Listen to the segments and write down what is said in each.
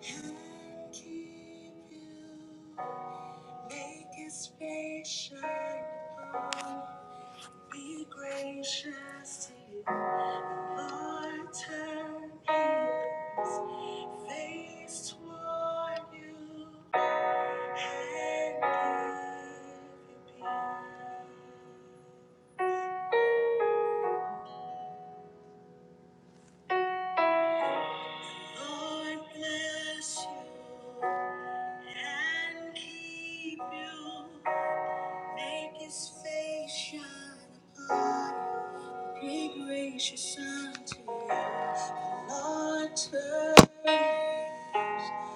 And keep you, make his face shine upon you. Be gracious to you, Lord. Turn his face toward you and give you peace. Lord, bless you and keep you. Make his face shine upon you, be gracious unto you. The Lord turn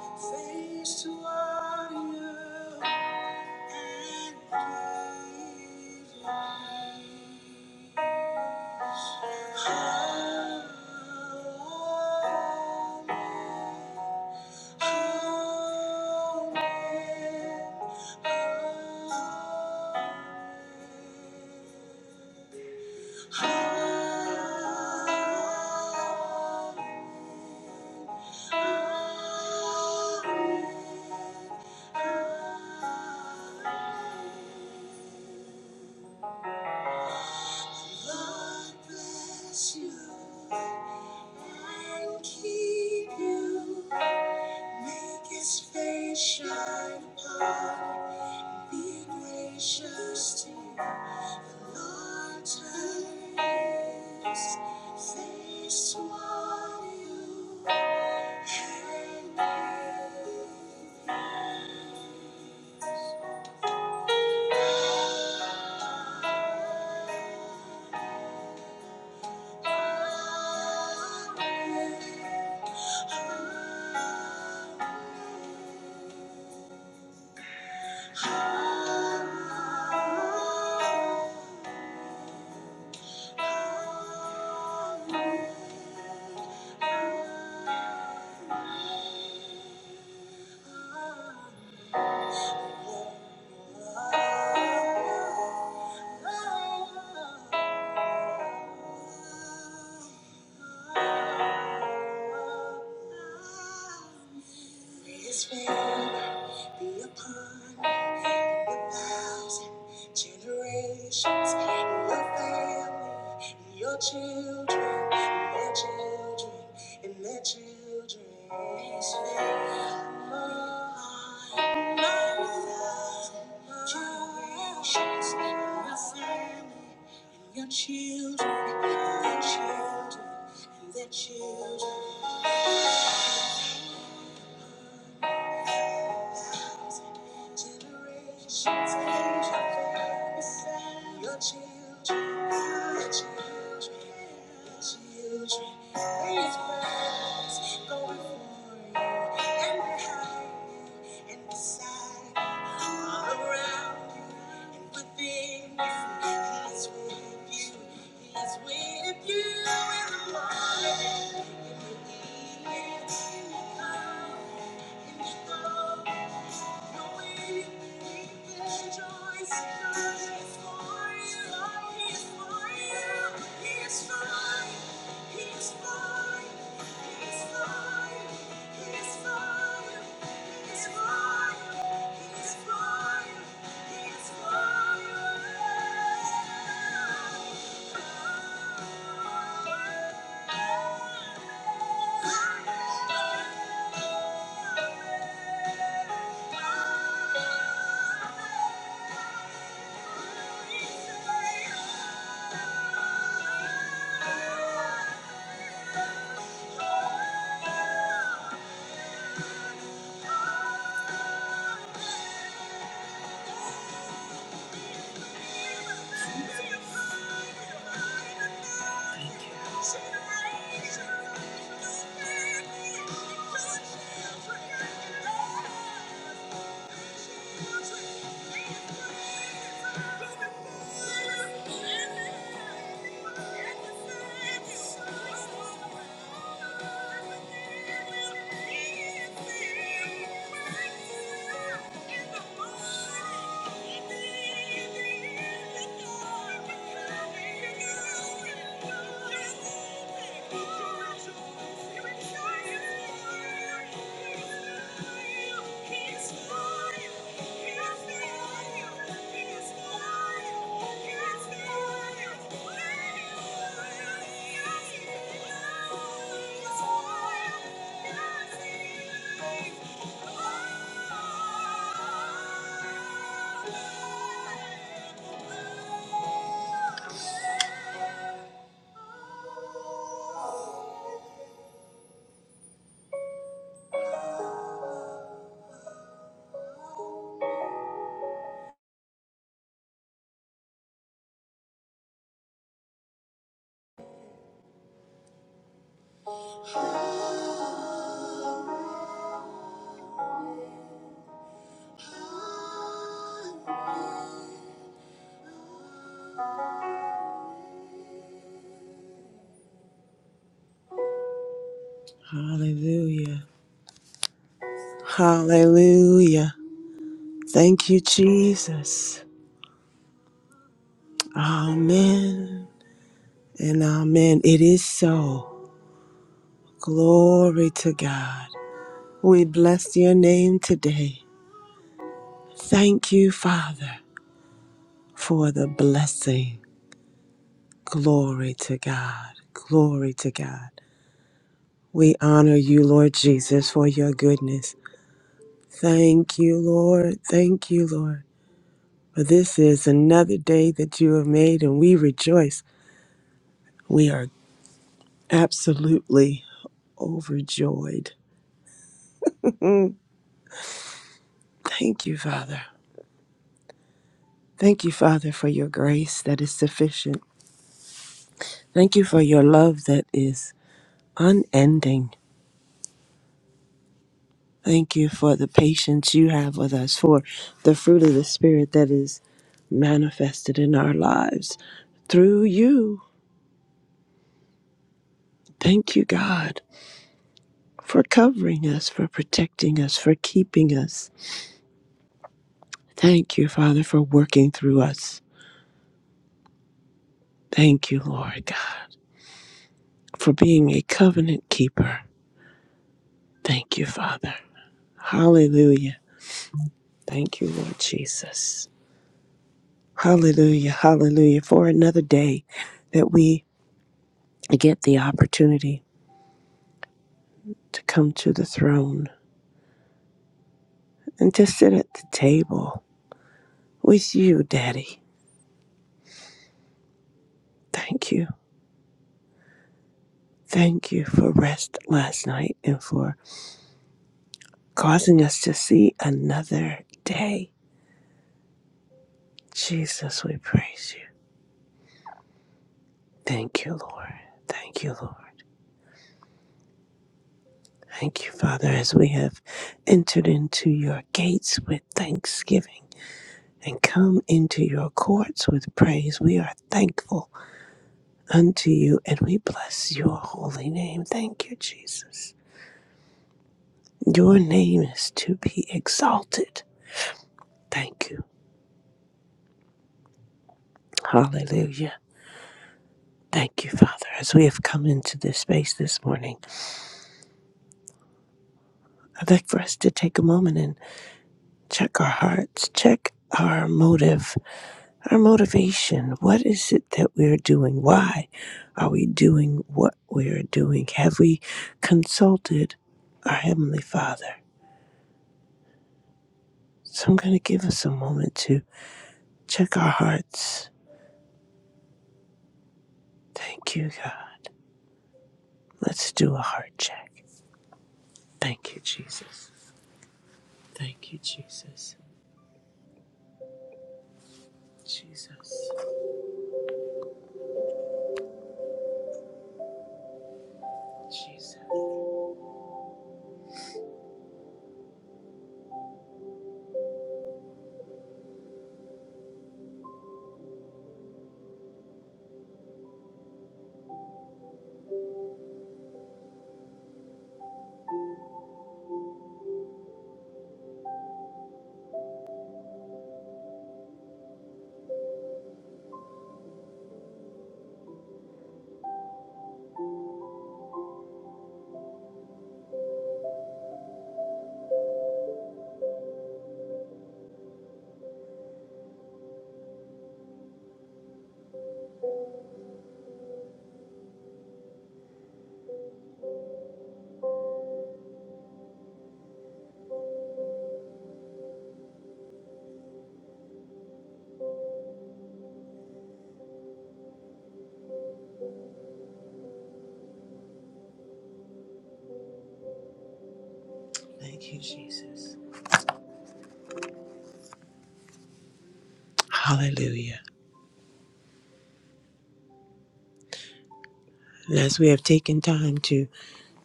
his face toward you and give you peace. Amen. Make His face Shine upon you. Be gracious to the Lord times. Face what you can do. His favor be upon the thousand generations. In the and your children, and their children, and their children. Mine, mine, generations, and my family, and your children, and their children, and their children. Children, please rise, go before you and behind you and beside, all around and within you. with you. He with you in the morning, in the evening, in the coming, in the going. Thank you. Thank you. Thank you. Yes, he is. Hallelujah. Hallelujah. Thank you, Jesus. Amen and amen. It is so. Glory to God. We bless your name today. Thank you, Father, for the blessing. Glory to God. Glory to God. We honor you, Lord Jesus, for your goodness. Thank you, Lord. Thank you, Lord. For this is another day that you have made, and we rejoice. We are absolutely overjoyed. Thank you, Father. Thank you, Father, for your grace that is sufficient. Thank you for your love that is unending. Thank you for the patience you have with us, for the fruit of the Spirit that is manifested in our lives through you. Thank you, God, for covering us, for protecting us, for keeping us. Thank you, Father, for working through us. Thank you, Lord God, for being a covenant keeper. Thank you, Father. Hallelujah. Thank you, Lord Jesus. Hallelujah. Hallelujah. For another day that we get the opportunity to come to the throne and to sit at the table with you, Daddy. Thank you. Thank you for rest last night and for causing us to see another day. Jesus, we praise you. Thank you, Lord. Thank you, Lord. Thank you, Father, as we have entered into your gates with thanksgiving and come into your courts with praise. We are thankful unto you and we bless your holy name. Thank you, Jesus. Your name is to be exalted. Thank you. Hallelujah. Thank you, Father. As we have come into this space this morning, I'd like for us to take a moment and check our hearts, check our motive, our motivation. What is it that we're doing? Why are we doing what we are doing? Have we consulted our Heavenly Father? So I'm going to give us a moment to check our hearts. Thank you, God. Let's do a heart check. Thank you, Jesus. Thank you, Jesus. Jesus. Jesus. Thank you, Jesus. Hallelujah. And as we have taken time to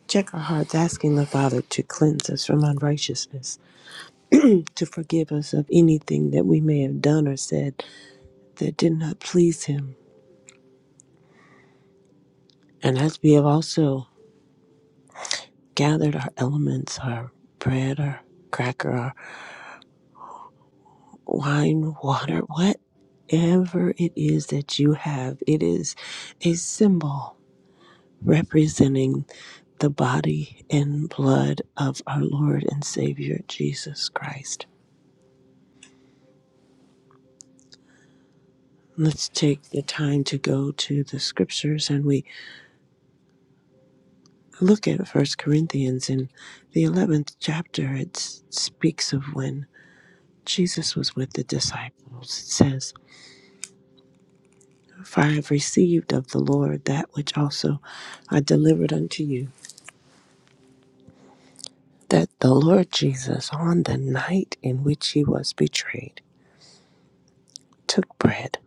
check our hearts, asking the Father to cleanse us from unrighteousness, to forgive us of anything that we may have done or said that did not please Him. And as we have also gathered our elements, our bread, our cracker, our wine, water, whatever it is that you have, it is a symbol representing the body and blood of our Lord and Savior Jesus Christ. Let's take the time to go to the scriptures and we look at First Corinthians in the 11th chapter. It s- speaks of when Jesus was with the disciples. It says, For I have received of the Lord that which also I delivered unto you, that the Lord Jesus, on the night in which he was betrayed, took bread.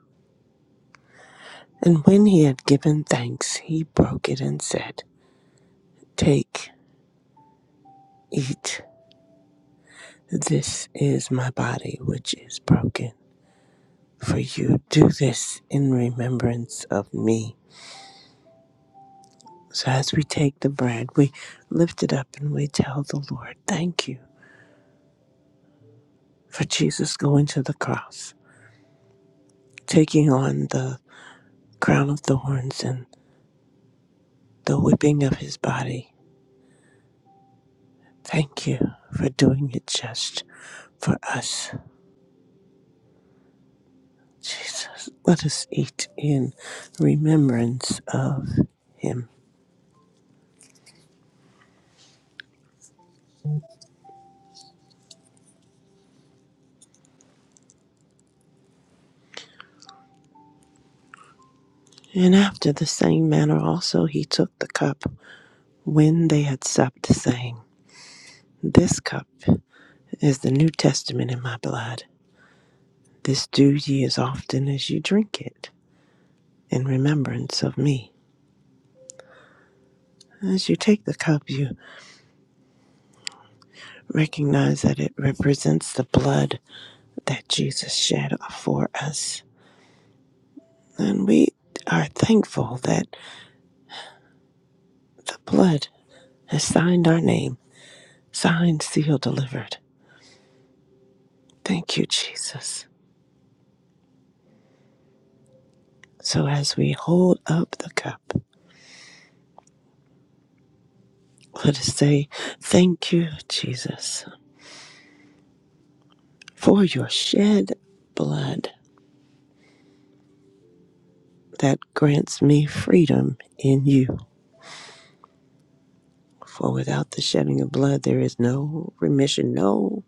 And when he had given thanks, he broke it and said, Take, eat, this is my body which is broken. For you do this in remembrance of me. So as we take the bread, we lift it up and we tell the Lord, Thank you for Jesus going to the cross, taking on the crown of thorns and the whipping of his body. Thank you for doing it just for us. Jesus, let us eat in remembrance of him. And after the same manner also he took the cup when they had supped, saying, This cup is the New Testament in my blood. This do ye as often as you drink it in remembrance of me. As you take the cup, you recognize that it represents the blood that Jesus shed for us. And we are thankful that the blood has signed our name Signed, sealed, delivered. Thank you, Jesus. So as we hold up the cup, let us say, Thank you, Jesus, for your shed blood that grants me freedom in you. For without the shedding of blood, there is no remission, no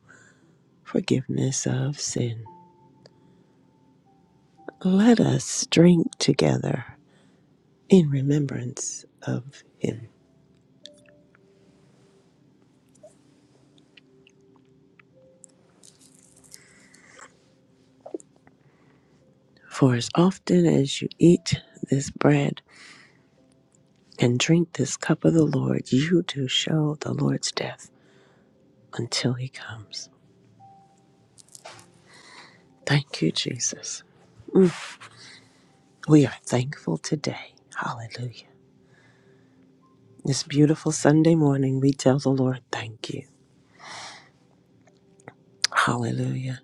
forgiveness of sin. Let us drink together in remembrance of him. For as often as you eat this bread, and drink this cup of the Lord, you do show the Lord's death until he comes. Thank you, Jesus. We are thankful today. Hallelujah. This beautiful Sunday morning, we tell the Lord, thank you. Hallelujah.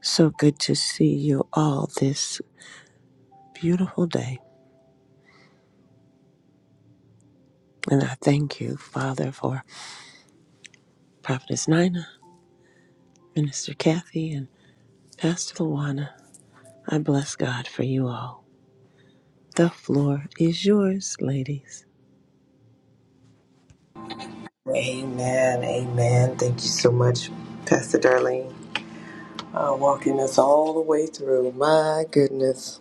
So good to see you all this beautiful day. And I thank you, Father, for Prophetess Nina, Minister Kathy, and Pastor Luana. I bless God for you all. The floor is yours, ladies. Amen. Amen. Thank you so much, Pastor Darlene. Uh, walking us all the way through. My goodness,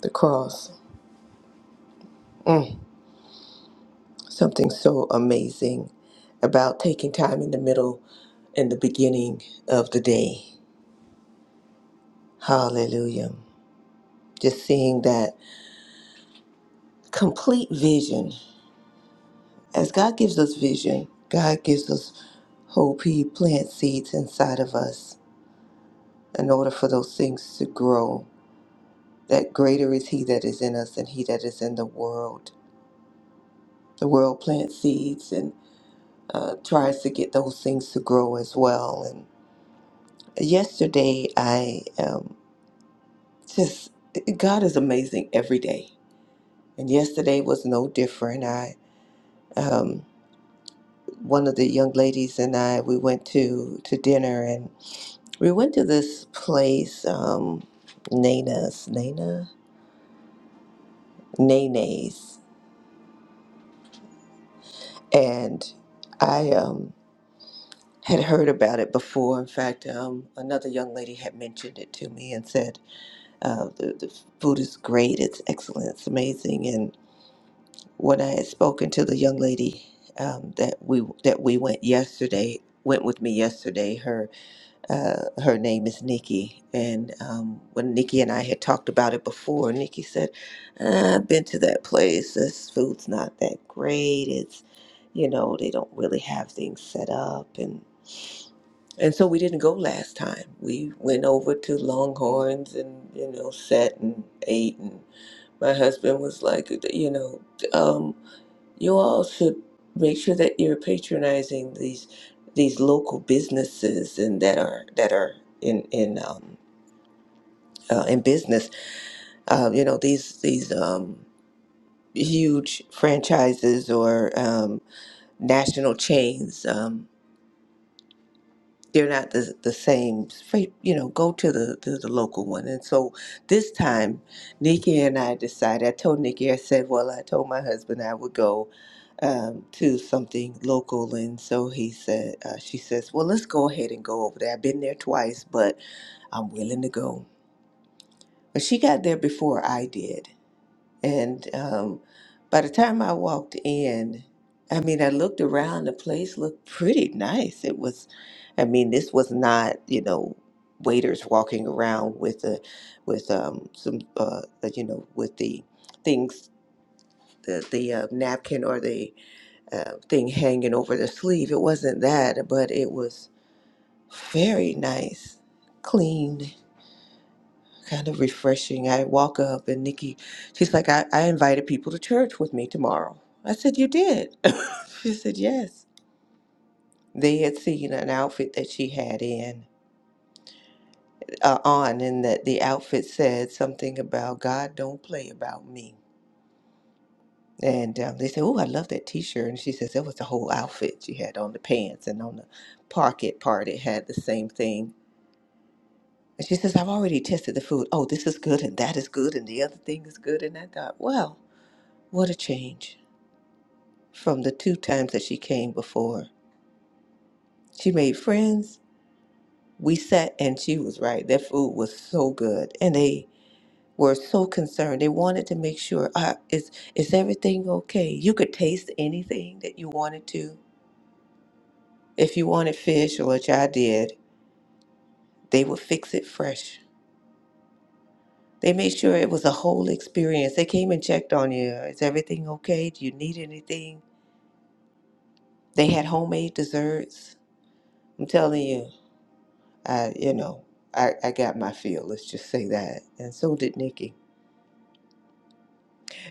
the cross. Mm, something so amazing about taking time in the middle and the beginning of the day. Hallelujah. Just seeing that complete vision. As God gives us vision, God gives us hope. He plants seeds inside of us in order for those things to grow. that greater is he that is in us than he that is in the world. The world plants seeds and uh, tries to get those things to grow as well. And yesterday, I um, just, God is amazing every day. And yesterday was no different. I, um, one of the young ladies and I, we went to, to dinner and we went to this place, um, Nana's, Nana? Nene's. And I, um, had heard about it before. In fact, um, another young lady had mentioned it to me and said, uh, the, the food is great, it's excellent, it's amazing. And when I had spoken to the young lady um, that we that we went yesterday, went with me yesterday, her uh, her name is Nikki, and um, when Nikki and I had talked about it before, Nikki said, "I've been to that place. This food's not that great. It's you know they don't really have things set up and." And so we didn't go last time. We went over to Longhorns and, you know, sat and ate. And my husband was like, you know, um, you all should make sure that you're patronizing these these local businesses and that are that are in in um, uh, in business. Uh, you know, these these um, huge franchises or um, national chains. Um, they're not the, the same. Straight, you know, go to the, to the local one. And so this time, Nikki and I decided. I told Nikki, I said, well, I told my husband I would go um, to something local, and so he said, uh, she says, well, let's go ahead and go over there. I've been there twice, but I'm willing to go. But she got there before I did. And um, by the time I walked in, I mean, I looked around, the place looked pretty nice. It was, I mean, this was not, you know, waiters walking around with a, with um, some, uh, uh, you know, with the things, the, the uh, napkin or the uh, thing hanging over the sleeve. It wasn't that, but it was very nice, clean kind of refreshing. I walk up and Nikki, she's like, I, I invited people to church with me tomorrow. I said, You did? she said, Yes. They had seen an outfit that she had in uh, on, and that the outfit said something about God don't play about me. And um, they said, Oh, I love that t shirt. And she says, That was the whole outfit she had on the pants and on the pocket part. It had the same thing. And she says, I've already tested the food. Oh, this is good, and that is good, and the other thing is good. And I thought, Well, what a change from the two times that she came before. She made friends. We sat and she was right. Their food was so good. And they were so concerned. They wanted to make sure uh, is is everything okay? You could taste anything that you wanted to. If you wanted fish or which I did, they would fix it fresh. They made sure it was a whole experience. They came and checked on you. Is everything okay? Do you need anything? They had homemade desserts. I'm telling you. I, you know, I, I got my feel, let's just say that. And so did Nikki.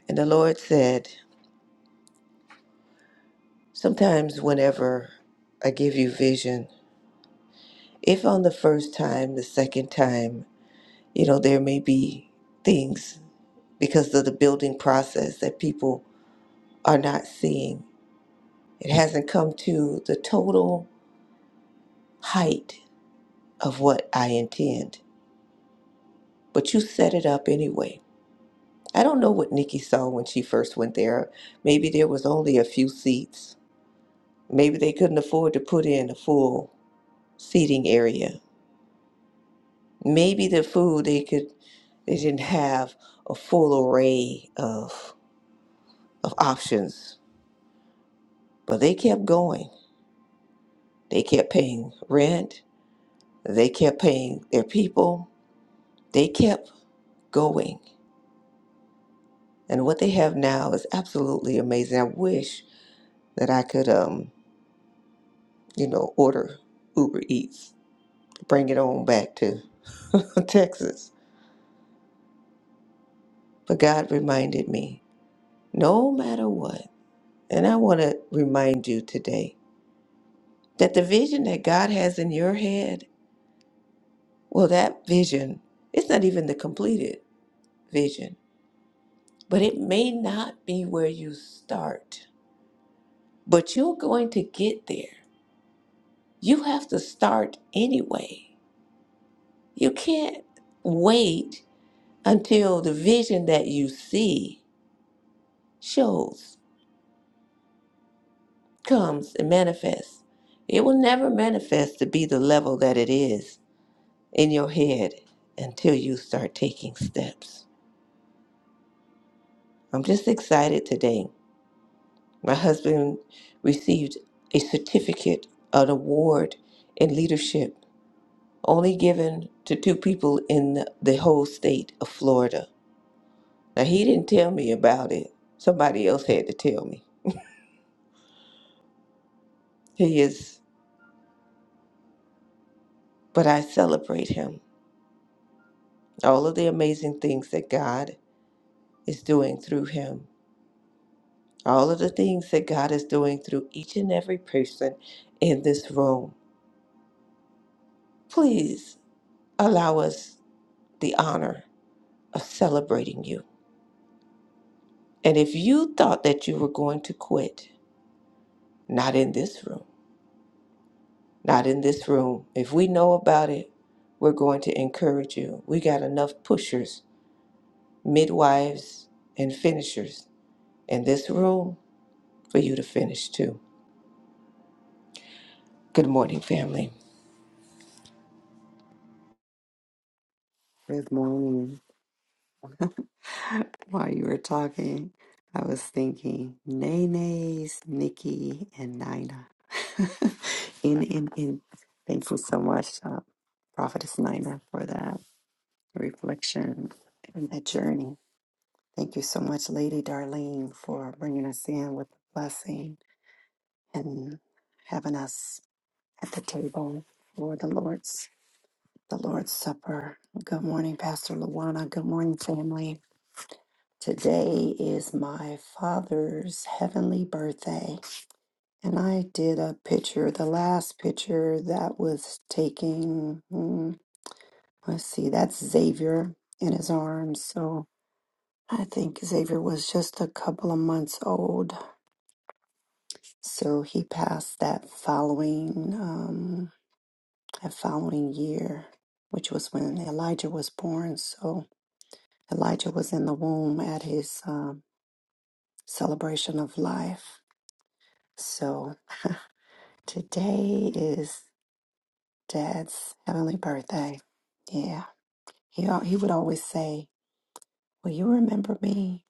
And the Lord said, Sometimes, whenever I give you vision, if on the first time, the second time, you know, there may be things because of the building process that people are not seeing. It hasn't come to the total height of what I intend, but you set it up anyway. I don't know what Nikki saw when she first went there. Maybe there was only a few seats Maybe they couldn't afford to put in a full seating area. Maybe the food they could they didn't have a full array of of options. But they kept going. They kept paying rent. They kept paying their people. They kept going. And what they have now is absolutely amazing. I wish that I could um, you know, order Uber Eats, bring it on back to Texas. But God reminded me no matter what. And I want to remind you today that the vision that God has in your head, well, that vision, it's not even the completed vision, but it may not be where you start, but you're going to get there. You have to start anyway. You can't wait until the vision that you see shows, comes, and manifests. It will never manifest to be the level that it is in your head until you start taking steps. I'm just excited today. My husband received a certificate, an award in leadership, only given to two people in the whole state of Florida. Now, he didn't tell me about it, somebody else had to tell me. He is, but I celebrate him. All of the amazing things that God is doing through him, all of the things that God is doing through each and every person in this room. please allow us the honor of celebrating you. And if you thought that you were going to quit, not in this room, not in this room. If we know about it, we're going to encourage you. We got enough pushers, midwives, and finishers in this room for you to finish too. Good morning, family. Good morning. While you were talking, I was thinking Nene's, Nikki, and Nina. and, and, and thank you so much, uh, Prophetess Nina, for that reflection and that journey. Thank you so much, Lady Darlene, for bringing us in with the blessing and having us at the table for the Lord's the Lord's Supper. Good morning, Pastor Luana. Good morning, family. Today is my father's heavenly birthday. And I did a picture, the last picture that was taking, mm, let's see, that's Xavier in his arms. So I think Xavier was just a couple of months old. So he passed that following, um, that following year, which was when Elijah was born. So Elijah was in the womb at his um, celebration of life. So Today is Dad's heavenly birthday. Yeah. He, al- he would always say, Will you remember me?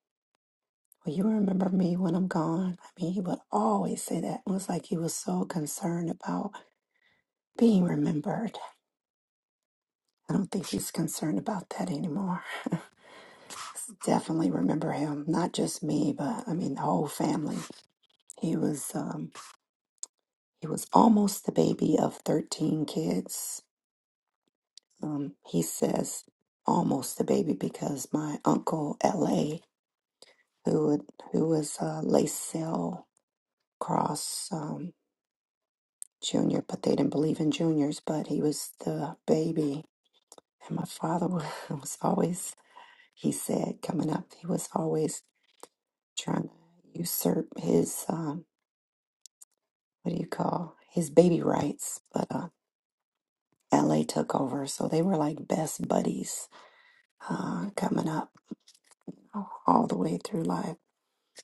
Will you remember me when I'm gone? I mean, he would always say that. It was like he was so concerned about being remembered. I don't think he's concerned about that anymore. Definitely remember him, not just me, but I mean the whole family. He was um he was almost the baby of 13 kids um, he says almost a baby because my uncle L.A., who would, who was uh, Lacell Cross um, Jr., but they didn't believe in juniors, but he was the baby. And my father wa- was always, he said, coming up, he was always trying to usurp his, um, what do you call, his baby rights. But uh, L.A. took over, so they were like best buddies uh, coming up all the way through life.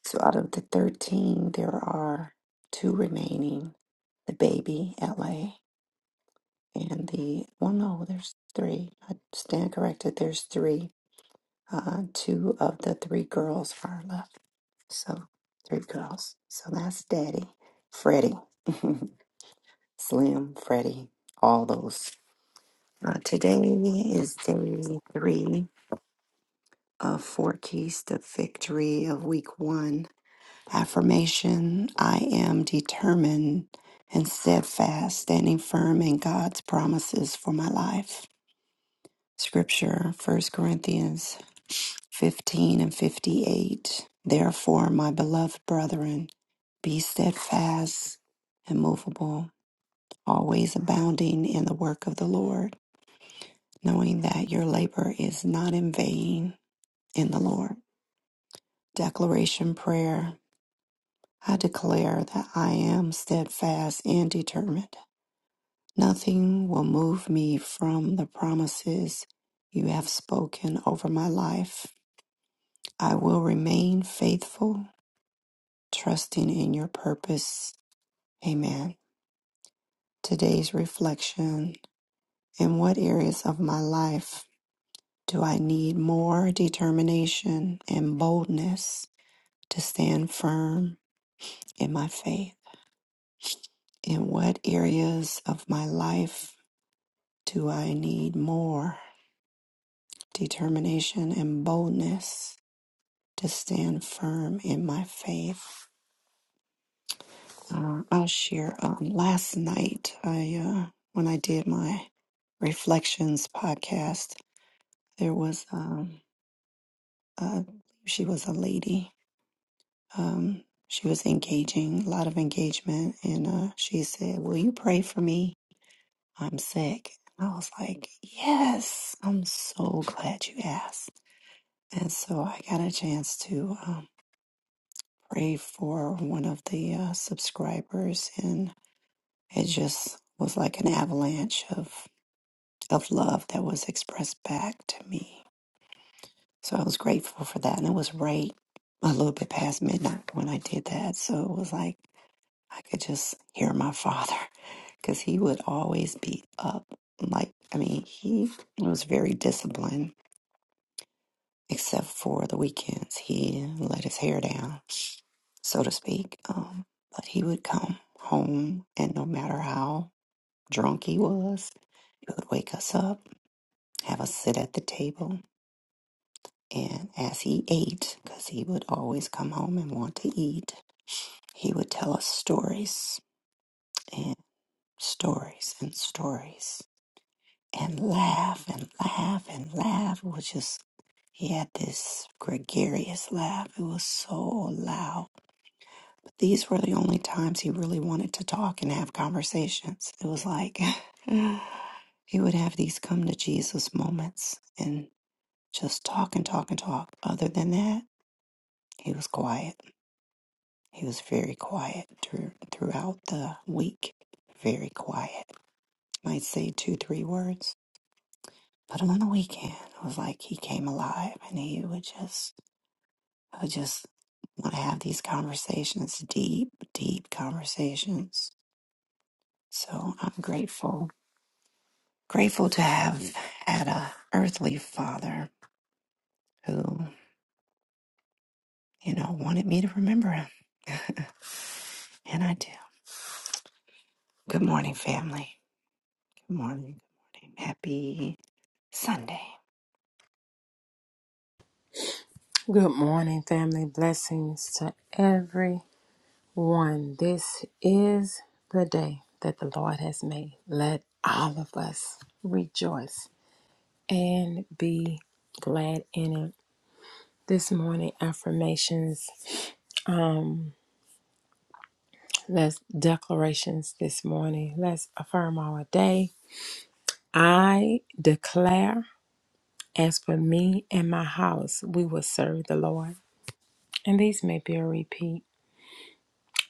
So out of the 13, there are two remaining the baby, LA, and the, well, no, there's three. I stand corrected. There's three. Uh, two of the three girls are left. So three girls. So that's Daddy, Freddie, Slim, Freddie, all those. Uh, today is day three of Four Keys to Victory of week one. Affirmation I am determined and steadfast, standing firm in God's promises for my life. Scripture First Corinthians 15 and 58. Therefore, my beloved brethren, be steadfast, immovable, always abounding in the work of the Lord, knowing that your labor is not in vain in the Lord. Declaration Prayer I declare that I am steadfast and determined. Nothing will move me from the promises you have spoken over my life. I will remain faithful, trusting in your purpose. Amen. Today's reflection In what areas of my life do I need more determination and boldness to stand firm in my faith? In what areas of my life Do I need more determination and boldness to stand firm in my faith? Uh, I'll share. Um, last night, I uh, when I did my reflections podcast, there was um, uh, she was a lady. Um, she was engaging, a lot of engagement, and uh, she said, "Will you pray for me? I'm sick." And I was like, "Yes, I'm so glad you asked." And so I got a chance to um, pray for one of the uh, subscribers, and it just was like an avalanche of, of love that was expressed back to me. So I was grateful for that. And it was right a little bit past midnight when I did that. So it was like I could just hear my father because he would always be up. Like, I mean, he was very disciplined, except for the weekends. He let his hair down so to speak. Um, but he would come home, and no matter how drunk he was, he would wake us up, have us sit at the table. And as he ate, because he would always come home and want to eat, he would tell us stories and stories and stories and laugh and laugh and laugh. It was just, he had this gregarious laugh. It was so loud These were the only times he really wanted to talk and have conversations. It was like he would have these come to Jesus moments and just talk and talk and talk. Other than that, he was quiet. He was very quiet through, throughout the week. Very quiet. Might say two, three words. But on the weekend, it was like he came alive and he would just, I would just want to have these conversations, deep, deep conversations. So I'm grateful Grateful to have had a earthly father who, you know, wanted me to remember him, and I do. Good morning, family. Good morning. Good morning. Happy Sunday. Good morning, family. Blessings to everyone. This is the day that the Lord has made. Let all of us rejoice and be glad in it. This morning, affirmations, um, let's declarations this morning. Let's affirm our day. I declare, as for me and my house, we will serve the Lord. And these may be a repeat.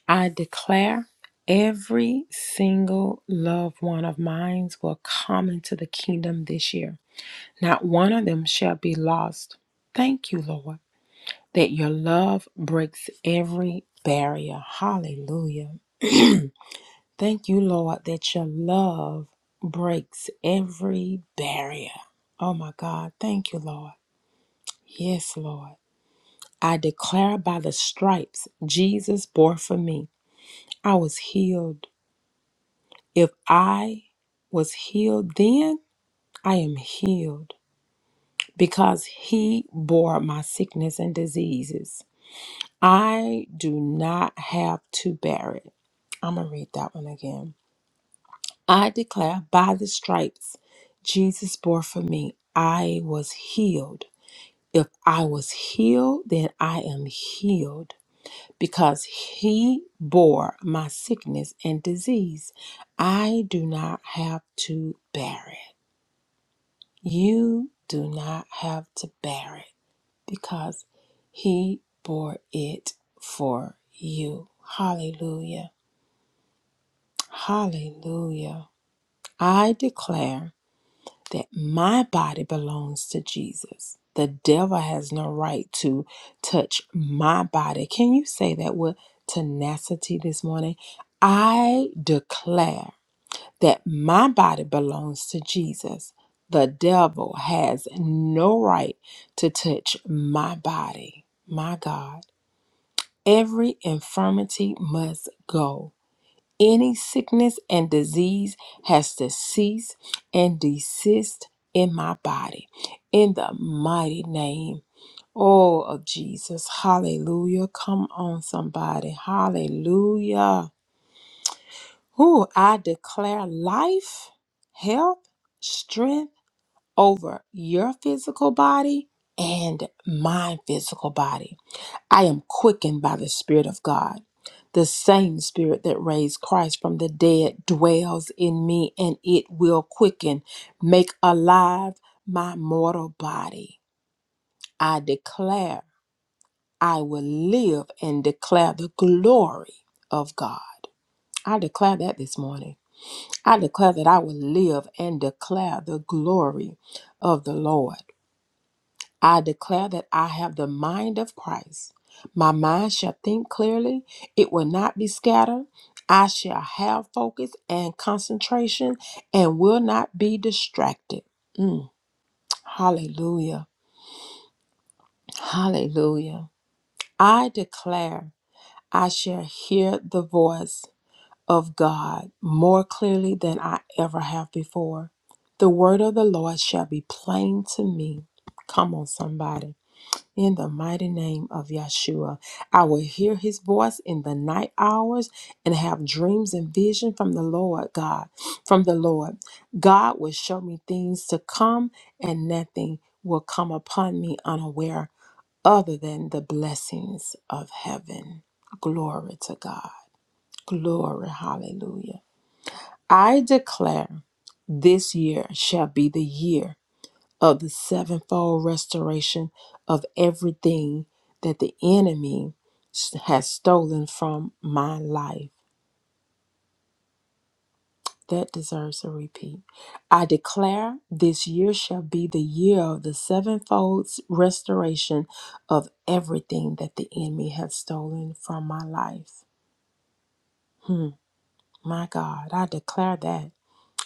I declare every single loved one of mine will come into the kingdom this year. Not one of them shall be lost. Thank you, Lord, that your love breaks every barrier. Hallelujah. Thank you, Lord, that your love breaks every barrier. Oh, my God. Thank you, Lord. Yes, Lord. I declare by the stripes Jesus bore for me, I was healed. If I was healed then, I am healed because he bore my sickness and diseases. I do not have to bear it. I'm going to read that one again. I declare by the stripes Jesus bore for me, I was healed. If I was healed, then I am healed because he bore my sickness and disease. I do not have to bear it. You do not have to bear it because He bore it for you. Hallelujah. Hallelujah. I declare that my body belongs to Jesus. The devil has no right to touch my body. Can you say that with tenacity this morning? I declare. that my body belongs to Jesus. The devil has no right to touch my body. My God. Every infirmity must go. Any sickness and disease has to cease and desist in my body. In the mighty name. Oh, of Jesus. Hallelujah. Come on, somebody. Hallelujah. Who I declare life, health, strength over your physical body and my physical body. I am quickened by the Spirit of God. The same Spirit that raised Christ from the dead dwells in me, and it will quicken, make alive my mortal body. I declare I will live and declare the glory of God. I declare that this morning. I declare that I will live and declare the glory of the Lord. I declare that I have the mind of Christ. My mind shall think clearly, it will not be scattered. I shall have focus and concentration and will not be distracted. Mm, hallelujah. Hallelujah. I declare I shall hear the voice. of God more clearly than I ever have before. The word of the Lord shall be plain to me. Come on, somebody. In the mighty name of Yeshua, I will hear his voice in the night hours and have dreams and vision from the Lord God. From the Lord, God will show me things to come, and nothing will come upon me unaware other than the blessings of heaven. Glory to God. Glory. Hallelujah. I declare this year shall be the year of the sevenfold restoration of everything that the enemy has stolen from my life. That deserves a repeat. I declare this year shall be the year of the sevenfold restoration of everything that the enemy has stolen from my life. Hmm, my God, I declare that.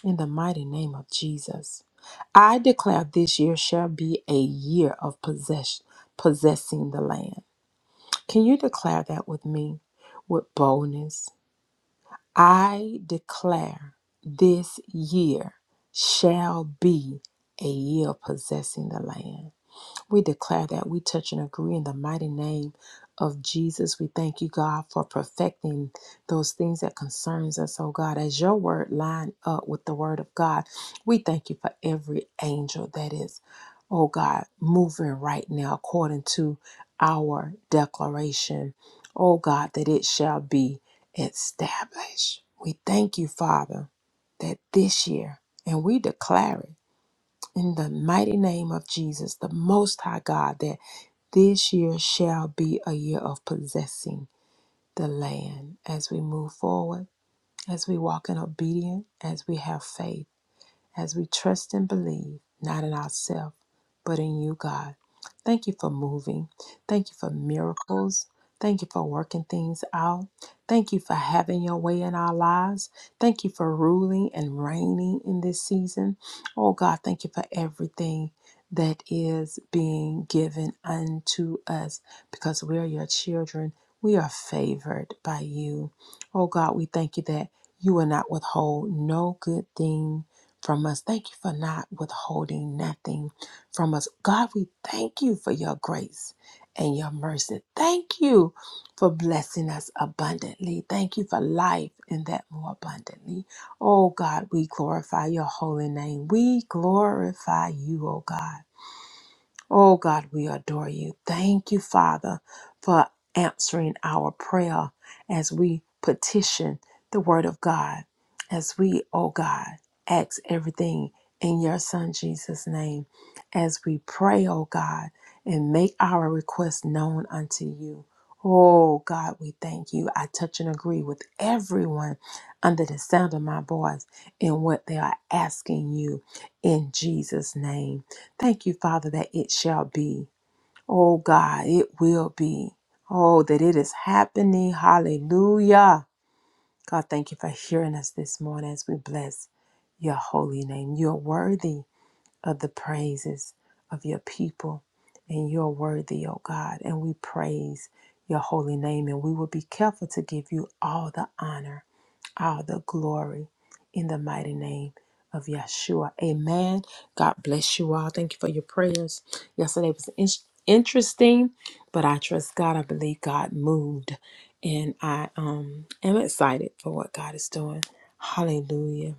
In the mighty name of Jesus, I declare this year shall be a year of possession, possessing the land. Can you declare that with me with boldness? I declare this year shall be a year of possessing the land. We declare that we touch and agree in the mighty name of Jesus. We thank you, God, for perfecting those things that concerns us, oh God. As your word line up with the word of God, we thank you for every angel that is, oh God, moving right now according to our declaration, oh God, that it shall be established. We thank you, Father, that this year, and we declare it in the mighty name of Jesus, the Most High God, that this year shall be a year of possessing the land as we move forward, as we walk in obedience, as we have faith as we trust and believe, not in ourselves, but in you, God. Thank you for moving. Thank you for miracles. Thank you for working things out. Thank you for having your way in our lives. Thank you for ruling and reigning in this season. Oh God, thank you for everything that is being given unto us because we are your children. We are favored by you. Oh God, we thank you that you will not withhold no good thing from us. Thank you for not withholding nothing from us. God, we thank you for your grace and your mercy. Thank you for blessing us abundantly. Thank you for life and that more abundantly. Oh God, we glorify your holy name. We glorify you, oh God. Oh God, we adore you. Thank you, Father, for answering our prayer as we petition the Word of God, as we, oh God, ask everything in your Son Jesus' name, as we pray, oh God, and make our requests known unto you. Oh God, we thank you. I touch and agree with everyone under the sound of my voice in what they are asking you in Jesus' name. Thank you, Father, that it shall be. Oh God, it will be. Oh, that it is happening. Hallelujah. God, thank you for hearing us this morning as we bless your holy name. You're worthy of the praises of your people, and you're worthy, oh God. And we praise your holy name, and we will be careful to give you all the honor all the glory in the mighty name of Yeshua. Amen. God bless you all. Thank you for your prayers. Yesterday was in- interesting, but I trust God. I believe God moved, and I um am excited for what God is doing. Hallelujah.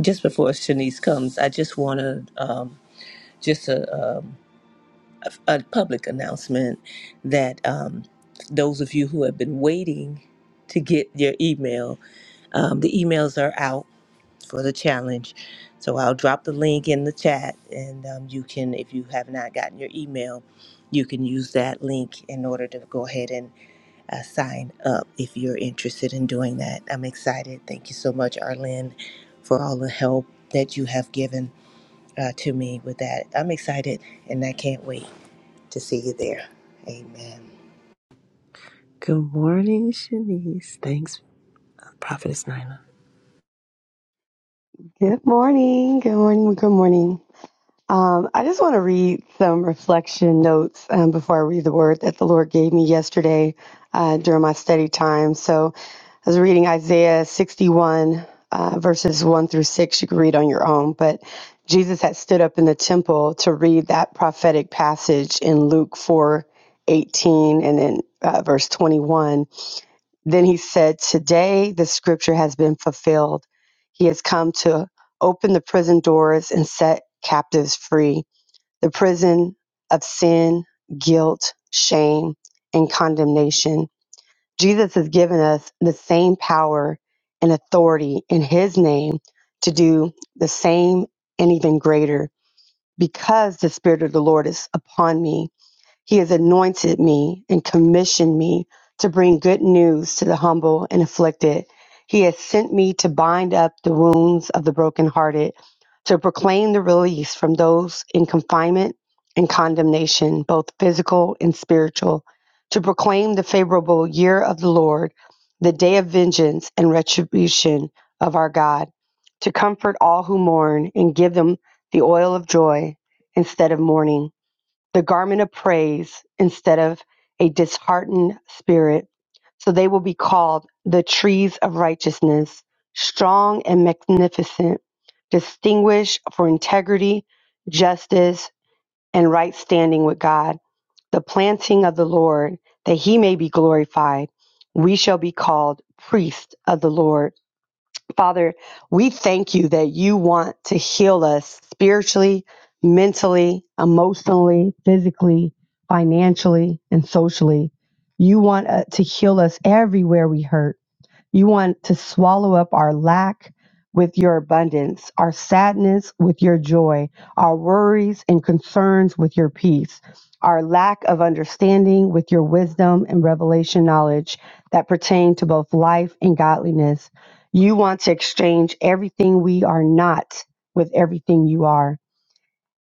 Just before Shanice comes, I just want to um, just to a public announcement that um, those of you who have been waiting to get your email, um, the emails are out for the challenge. So I'll drop the link in the chat, and um, you can, if you have not gotten your email, you can use that link in order to go ahead and uh, sign up if you're interested in doing that. I'm excited. Thank you so much, Arlene, for all the help that you have given uh, to me with that. I'm excited and I can't wait to see you there. Amen. Good morning, Shanice. Thanks, Prophetess Nina. Good morning. Good morning. Good morning. Um, I just want to read some reflection notes um, before I read the word that the Lord gave me yesterday uh, during my study time. So I was reading Isaiah 61, uh, verses 1 through 6. You can read on your own. But Jesus had stood up in the temple to read that prophetic passage in Luke 4:18 and then uh, verse 21. Then he said, Today the scripture has been fulfilled. He has come to open the prison doors and set captives free, the prison of sin, guilt, shame, and condemnation. Jesus has given us the same power and authority in his name to do the same and even greater because the Spirit of the Lord is upon me he has anointed me and commissioned me to bring good news to the humble and afflicted. He has sent me to bind up the wounds of the brokenhearted, to proclaim the release from those in confinement and condemnation, both physical and spiritual, to proclaim the favorable year of the Lord, the day of vengeance and retribution of our God, to comfort all who mourn and give them the oil of joy instead of mourning the garment of praise instead of a disheartened spirit. So they will be called the trees of righteousness, strong and magnificent, distinguished for integrity, justice, and right standing with God, the planting of the Lord, that he may be glorified. We shall be called priests of the Lord. Father, we thank you that you want to heal us spiritually, mentally, emotionally, physically, financially, and socially. You want uh, to heal us everywhere we hurt. You want to swallow up our lack with your abundance, our sadness with your joy, our worries and concerns with your peace, our lack of understanding with your wisdom and revelation knowledge that pertain to both life and godliness. You want to exchange everything we are not with everything you are.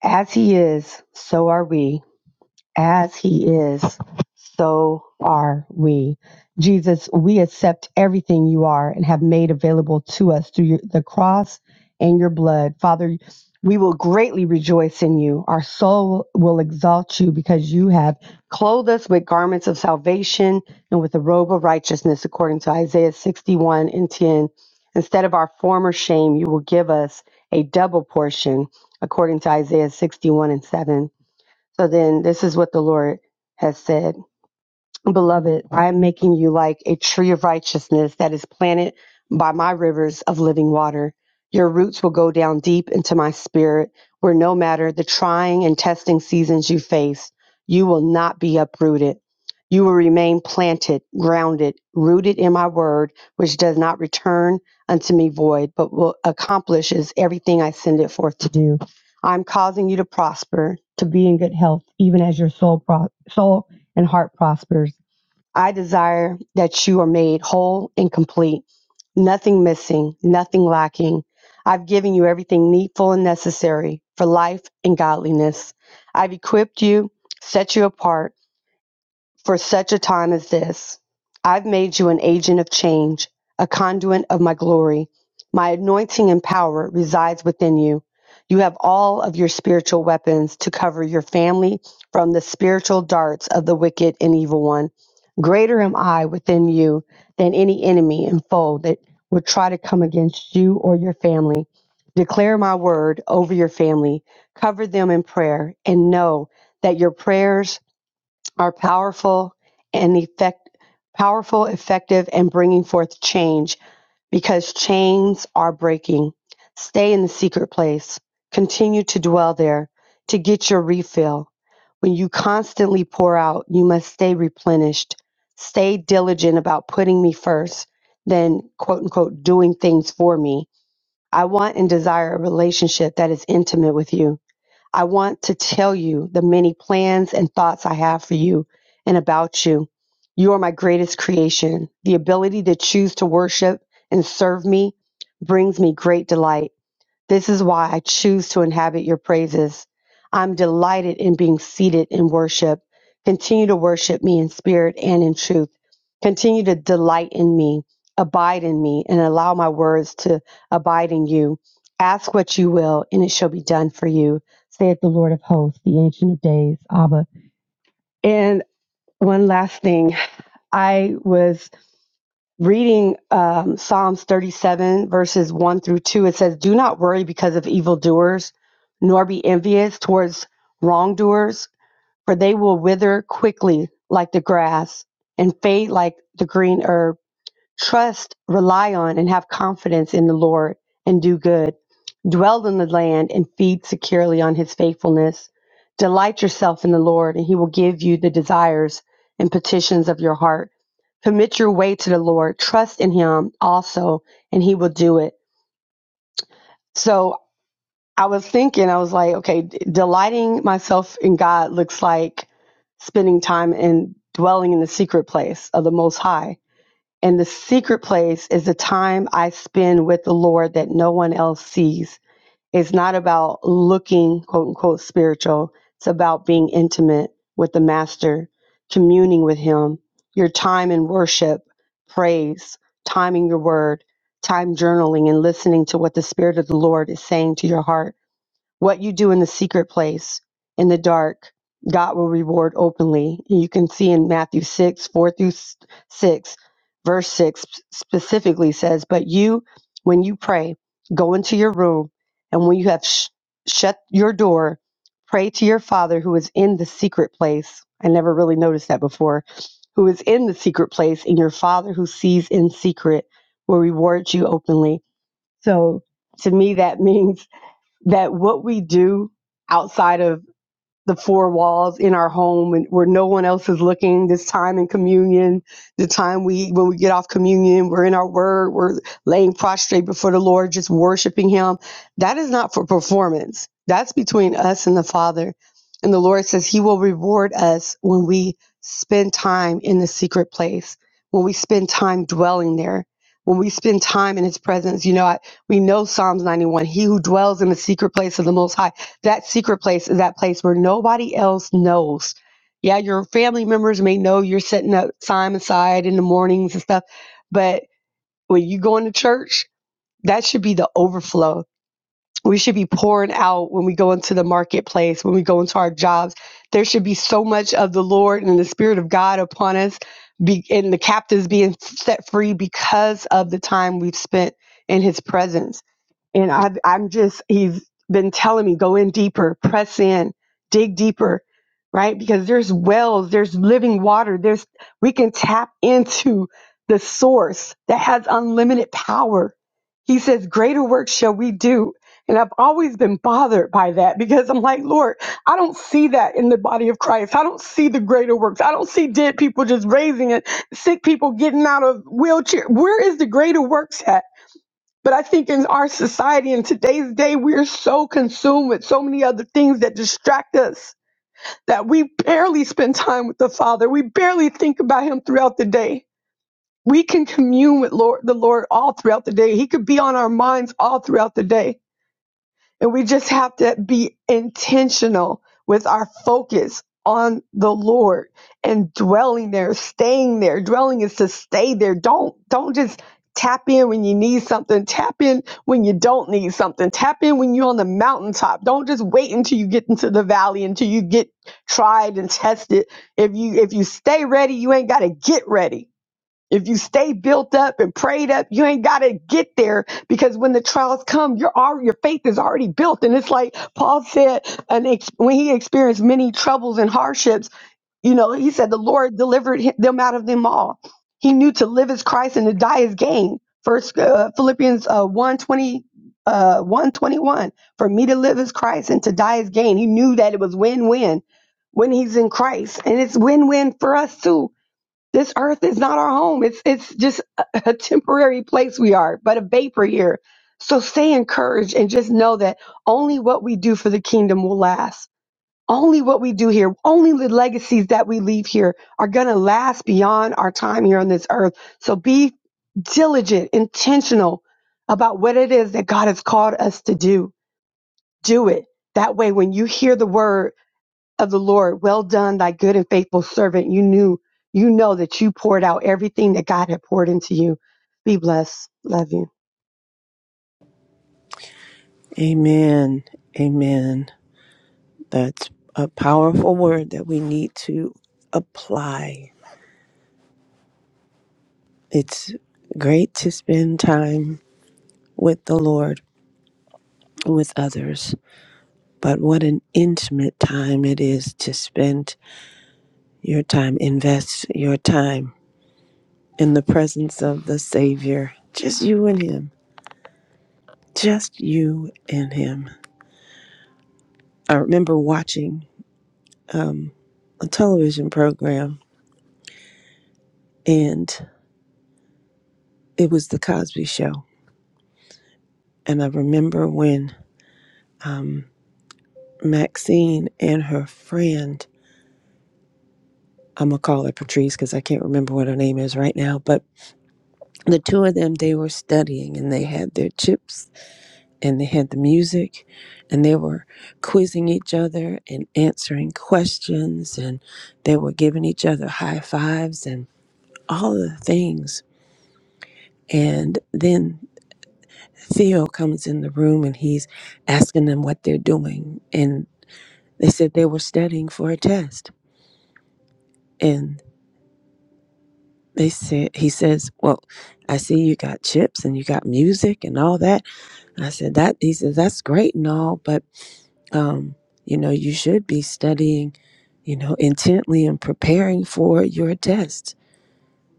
As He is, so are we as he is, so are we. Jesus, we accept everything you are and have made available to us through your, the cross and your blood. Father, we will greatly rejoice in you. Our soul will exalt you because you have clothed us with garments of salvation and with a robe of righteousness, according to Isaiah 61 and 10. Instead of our former shame, you will give us a double portion, according to Isaiah 61 and 7. So then this is what the Lord has said. Beloved, I am making you like a tree of righteousness that is planted by my rivers of living water. Your roots will go down deep into my spirit, where no matter the trying and testing seasons you face, you will not be uprooted. You will remain planted, grounded, rooted in my word, which does not return unto me void, but will accomplishes everything I send it forth to do. I'm causing you to prosper, to be in good health, even as your soul, pro- soul and heart prospers. I desire that you are made whole and complete, nothing missing, nothing lacking. I've given you everything needful and necessary for life and godliness. I've equipped you, set you apart for such a time as this, I've made you an agent of change, a conduit of my glory. My anointing and power resides within you. You have all of your spiritual weapons to cover your family from the spiritual darts of the wicked and evil one. Greater am I within you than any enemy and foe that would try to come against you or your family. Declare my word over your family, cover them in prayer, and know that your prayers are powerful and effect, powerful, effective, and bringing forth change because chains are breaking. Stay in the secret place. Continue to dwell there to get your refill. When you constantly pour out, you must stay replenished. Stay diligent about putting me first, then quote unquote doing things for me. I want and desire a relationship that is intimate with you I want to tell you the many plans and thoughts I have for you and about you. You are my greatest creation. The ability to choose to worship and serve me brings me great delight. This is why I choose to inhabit your praises. I'm delighted in being seated in worship. Continue to worship me in spirit and in truth. Continue to delight in me, abide in me, and allow my words to abide in you. Ask what you will, and it shall be done for you, saith the Lord of hosts, the Ancient of Days, Abba. And one last thing. I was reading um, Psalms 37, verses 1 through 2, it says, Do not worry because of evildoers, nor be envious towards wrongdoers, for they will wither quickly like the grass and fade like the green herb. Trust, rely on, and have confidence in the Lord and do good. Dwell in the land and feed securely on his faithfulness. Delight yourself in the Lord, and he will give you the desires and petitions of your heart. Commit your way to the Lord. Trust in him also, and he will do it. So I was thinking, I was like, okay, d- delighting myself in God looks like spending time and dwelling in the secret place of the Most High and the secret place is the time I spend with the Lord that no one else sees. It's not about looking, quote unquote, spiritual. It's about being intimate with the Master, communing with Him, your time in worship, praise, time in your word, time journaling and listening to what the Spirit of the Lord is saying to your heart what you do in the secret place, in the dark, God will reward openly. you can see in Matthew 6, 4 through 6, verse 6 specifically says, But you, when you pray, go into your room, and when you have sh- shut your door, pray to your Father who is in the secret place. I never really noticed that before. Who is in the secret place, and your Father who sees in secret will reward you openly. So to me, that means that what we do outside of the four walls in our home and where no one else is looking this time in communion the time we when we get off communion we're in our word we're laying prostrate before the lord just worshiping him that is not for performance that's between us and the father and the lord says he will reward us when we spend time in the secret place when we spend time dwelling there when we spend time in his presence you know I, we know psalms 91 he who dwells in the secret place of the most high that secret place is that place where nobody else knows. Yeah, your family members may know you're setting up time aside in the mornings and stuff, but when you go into church, that should be the overflow. We should be pouring out when we go into the marketplace, when we go into our jobs. There should be so much of the Lord and the Spirit of God upon us, be, and the captives being set free because of the time we've spent in His presence and I've, I'm just, he's been telling me, go in deeper, press in, dig deeper, right? Because there's wells, there's living water, there's, we can tap into the source that has unlimited power. He says, greater work shall we do. And I've always been bothered by that because I'm like, Lord, I don't see that in the body of Christ. I don't see the greater works. I don't see dead people just raising it, sick people getting out of wheelchair. Where is the greater works at? But I think in our society in today's day, we're so consumed with so many other things that distract us that we barely spend time with the Father. We barely think about Him throughout the day. We can commune with Lord, the Lord all throughout the day. He could be on our minds all throughout the day. And we just have to be intentional with our focus on the Lord and dwelling there, staying there. Dwelling is to stay there. Don't don't just tap in when you need something. Tap in when you don't need something. Tap in when you're on the mountaintop. Don't just wait until you get into the valley until you get tried and tested. If you if you stay ready, you ain't got to get ready. If you stay built up and prayed up, you ain't got to get there because when the trials come, your al- your faith is already built. And it's like Paul said, an ex- when he experienced many troubles and hardships, you know, he said the Lord delivered him, them out of them all. He knew to live as Christ and to die as gain. First uh, Philippians uh, 1 twenty, uh, 121. For me to live as Christ and to die as gain. He knew that it was win win when he's in Christ. And it's win win for us too this earth is not our home. It's it's just a, a temporary place we are, but a vapor here. So stay encouraged and just know that only what we do for the kingdom will last. Only what we do here, only the legacies that we leave here are going to last beyond our time here on this earth. So be diligent, intentional about what it is that God has called us to do. Do it. That way, when you hear the word of the Lord. Well done, thy good and faithful servant. You knew, you know that you poured out everything that God had poured into you. Be blessed. Love you. Amen. Amen. That's a powerful word that we need to apply. It's great to spend time with the Lord, with others, but what an intimate time it is to spend your time, invest your time in the presence of the Savior. Just you and Him. Just you and Him. I remember watching. um, a television program, and it was The Cosby Show. And I remember when um, Maxine and her friend, I'm going to call her Patrice because I can't remember what her name is right now, but the two of them, they were studying and they had their chips and they had the music and they were quizzing each other and answering questions and they were giving each other high fives and all of the things. And then Theo comes in the room and he's asking them what they're doing. And they said they were studying for a test. And they said, he says, Well, I see you got chips and you got music and all that. I said, That, he says, that's great and all, but, um, you know, you should be studying, you know, intently and preparing for your test.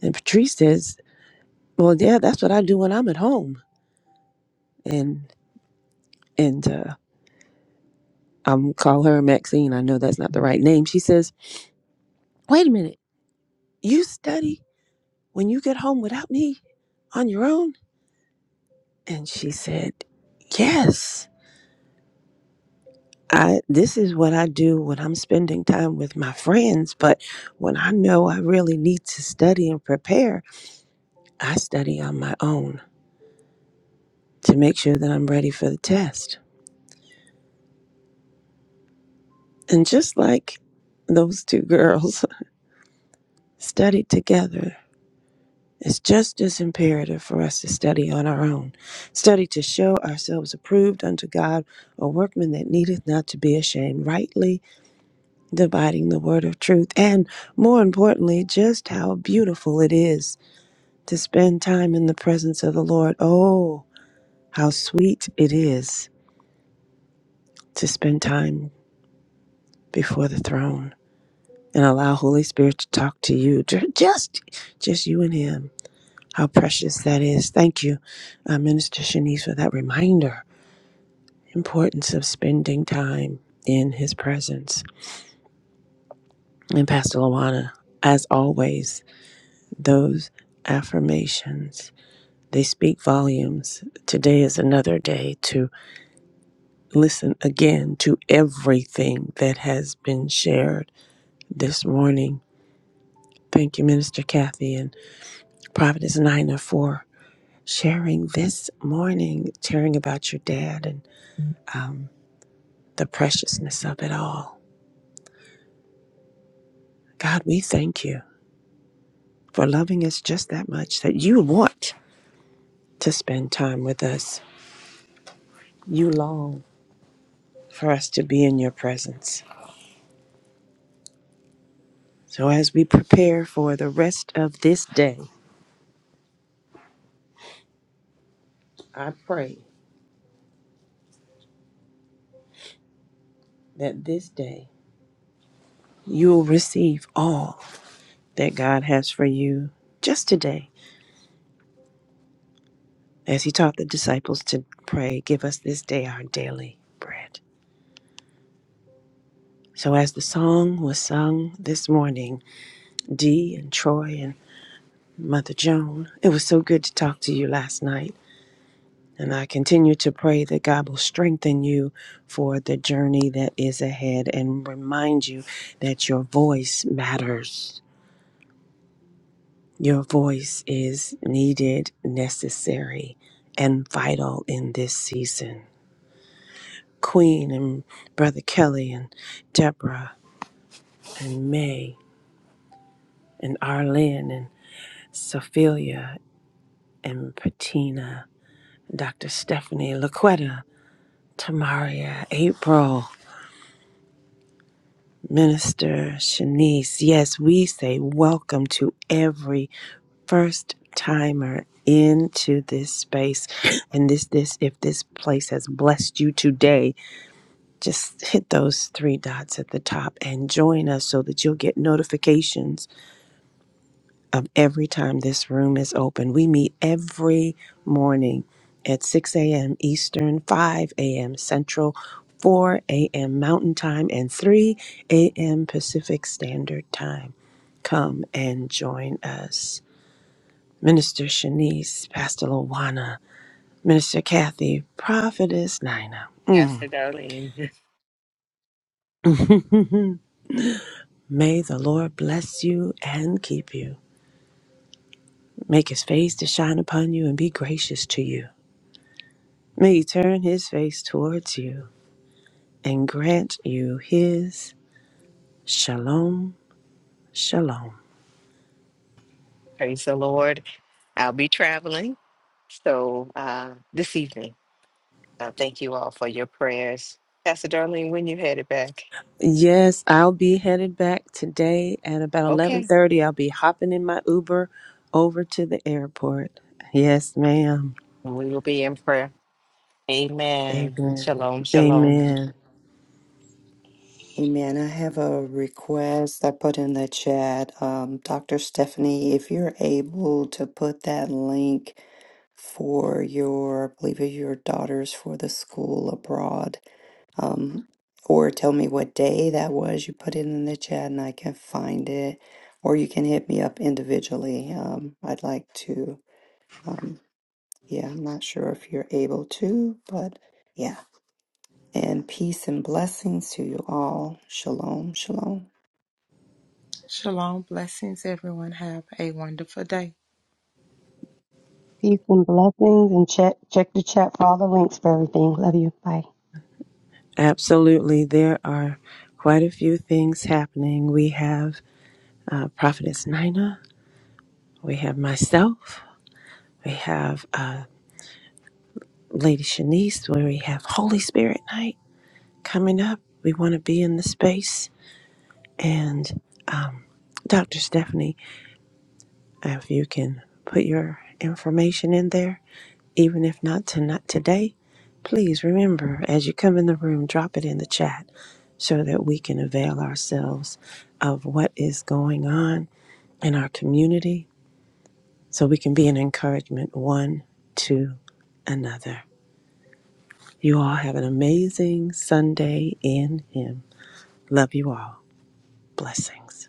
And Patrice says, Well, yeah, that's what I do when I'm at home. And, and, uh, I'm call her Maxine. I know that's not the right name. She says, Wait a minute. You study when you get home without me on your own? And she said, Yes. I this is what I do when I'm spending time with my friends, but when I know I really need to study and prepare, I study on my own to make sure that I'm ready for the test. And just like those two girls studied together It's just as imperative for us to study on our own, study to show ourselves approved unto God, a workman that needeth not to be ashamed, rightly dividing the word of truth, and more importantly, just how beautiful it is to spend time in the presence of the Lord. Oh, how sweet it is to spend time before the throne and allow Holy Spirit to talk to you, ju- just just you and him. How precious that is. Thank you, uh, Minister Shanice, for that reminder. Importance of spending time in his presence. And Pastor Lawana, as always, those affirmations, they speak volumes. Today is another day to listen again to everything that has been shared this morning. Thank you, Minister Kathy and Providence Nina for sharing this morning, sharing about your dad and um. the preciousness of it all. God, we thank you for loving us just that much that you want to spend time with us. You long for us to be in your presence. So, as we prepare for the rest of this day, I pray that this day you will receive all that God has for you just today. As he taught the disciples to pray, give us this day our daily bread. So, as the song was sung this morning, Dee and Troy and Mother Joan. It was so good to talk to you last night. And I continue to pray that God will strengthen you for the journey that is ahead and remind you that your voice matters. Your voice is needed, necessary, and vital in this season. Queen and Brother Kelly and Deborah and May and Arlene and Sophia and Patina, Dr. Stephanie, Laquetta, Tamaria, April, Minister Shanice. Yes, we say welcome to every first timer into this space. And this this if this place has blessed you today, just hit those three dots at the top and join us so that you'll get notifications of every time this room is open. We meet every morning at 6 a.m. Eastern, 5 a.m. Central, 4 a.m. Mountain Time, and 3 a.m. Pacific Standard Time. Come and join us. Minister Shanice, Pastor Lawana, Minister Kathy, Prophetess Nina. May the Lord bless you and keep you. Make his face to shine upon you and be gracious to you. May he turn his face towards you and grant you his shalom, shalom. Praise the Lord. I'll be traveling. So uh, this evening, uh, thank you all for your prayers. Pastor Darlene, when you headed back? Yes, I'll be headed back today at about Okay. 11:30. I'll be hopping in my Uber over to the airport. Yes, ma'am. We will be in prayer. Amen. Amen. Shalom, shalom. Amen. Amen. I have a request I put in the chat. Um, Dr. Stephanie, if you're able to put that link for your, I believe it's your daughters for the school abroad um, or tell me what day that was. You put it in the chat and I can find it, or you can hit me up individually. Um, I'd like to, um, yeah, I'm not sure if you're able to, but yeah. And peace and blessings to you all. Shalom, shalom. Shalom. Blessings, everyone. Have a wonderful day. Peace and blessings. And check, check the chat for all the links for everything. Love you. Bye. Absolutely. There are quite a few things happening. We have uh, Prophetess Nina, we have myself, we have uh, Lady Shanice, where we have Holy Spirit night coming up. We want to be in the space And um, Dr. Stephanie, if you can put your information in there, even if not tonight today, please remember as you come in the room, drop it in the chat so that we can avail ourselves of what is going on in our community so we can be an encouragement one to another. You all have an amazing Sunday in Him. Love you all. Blessings.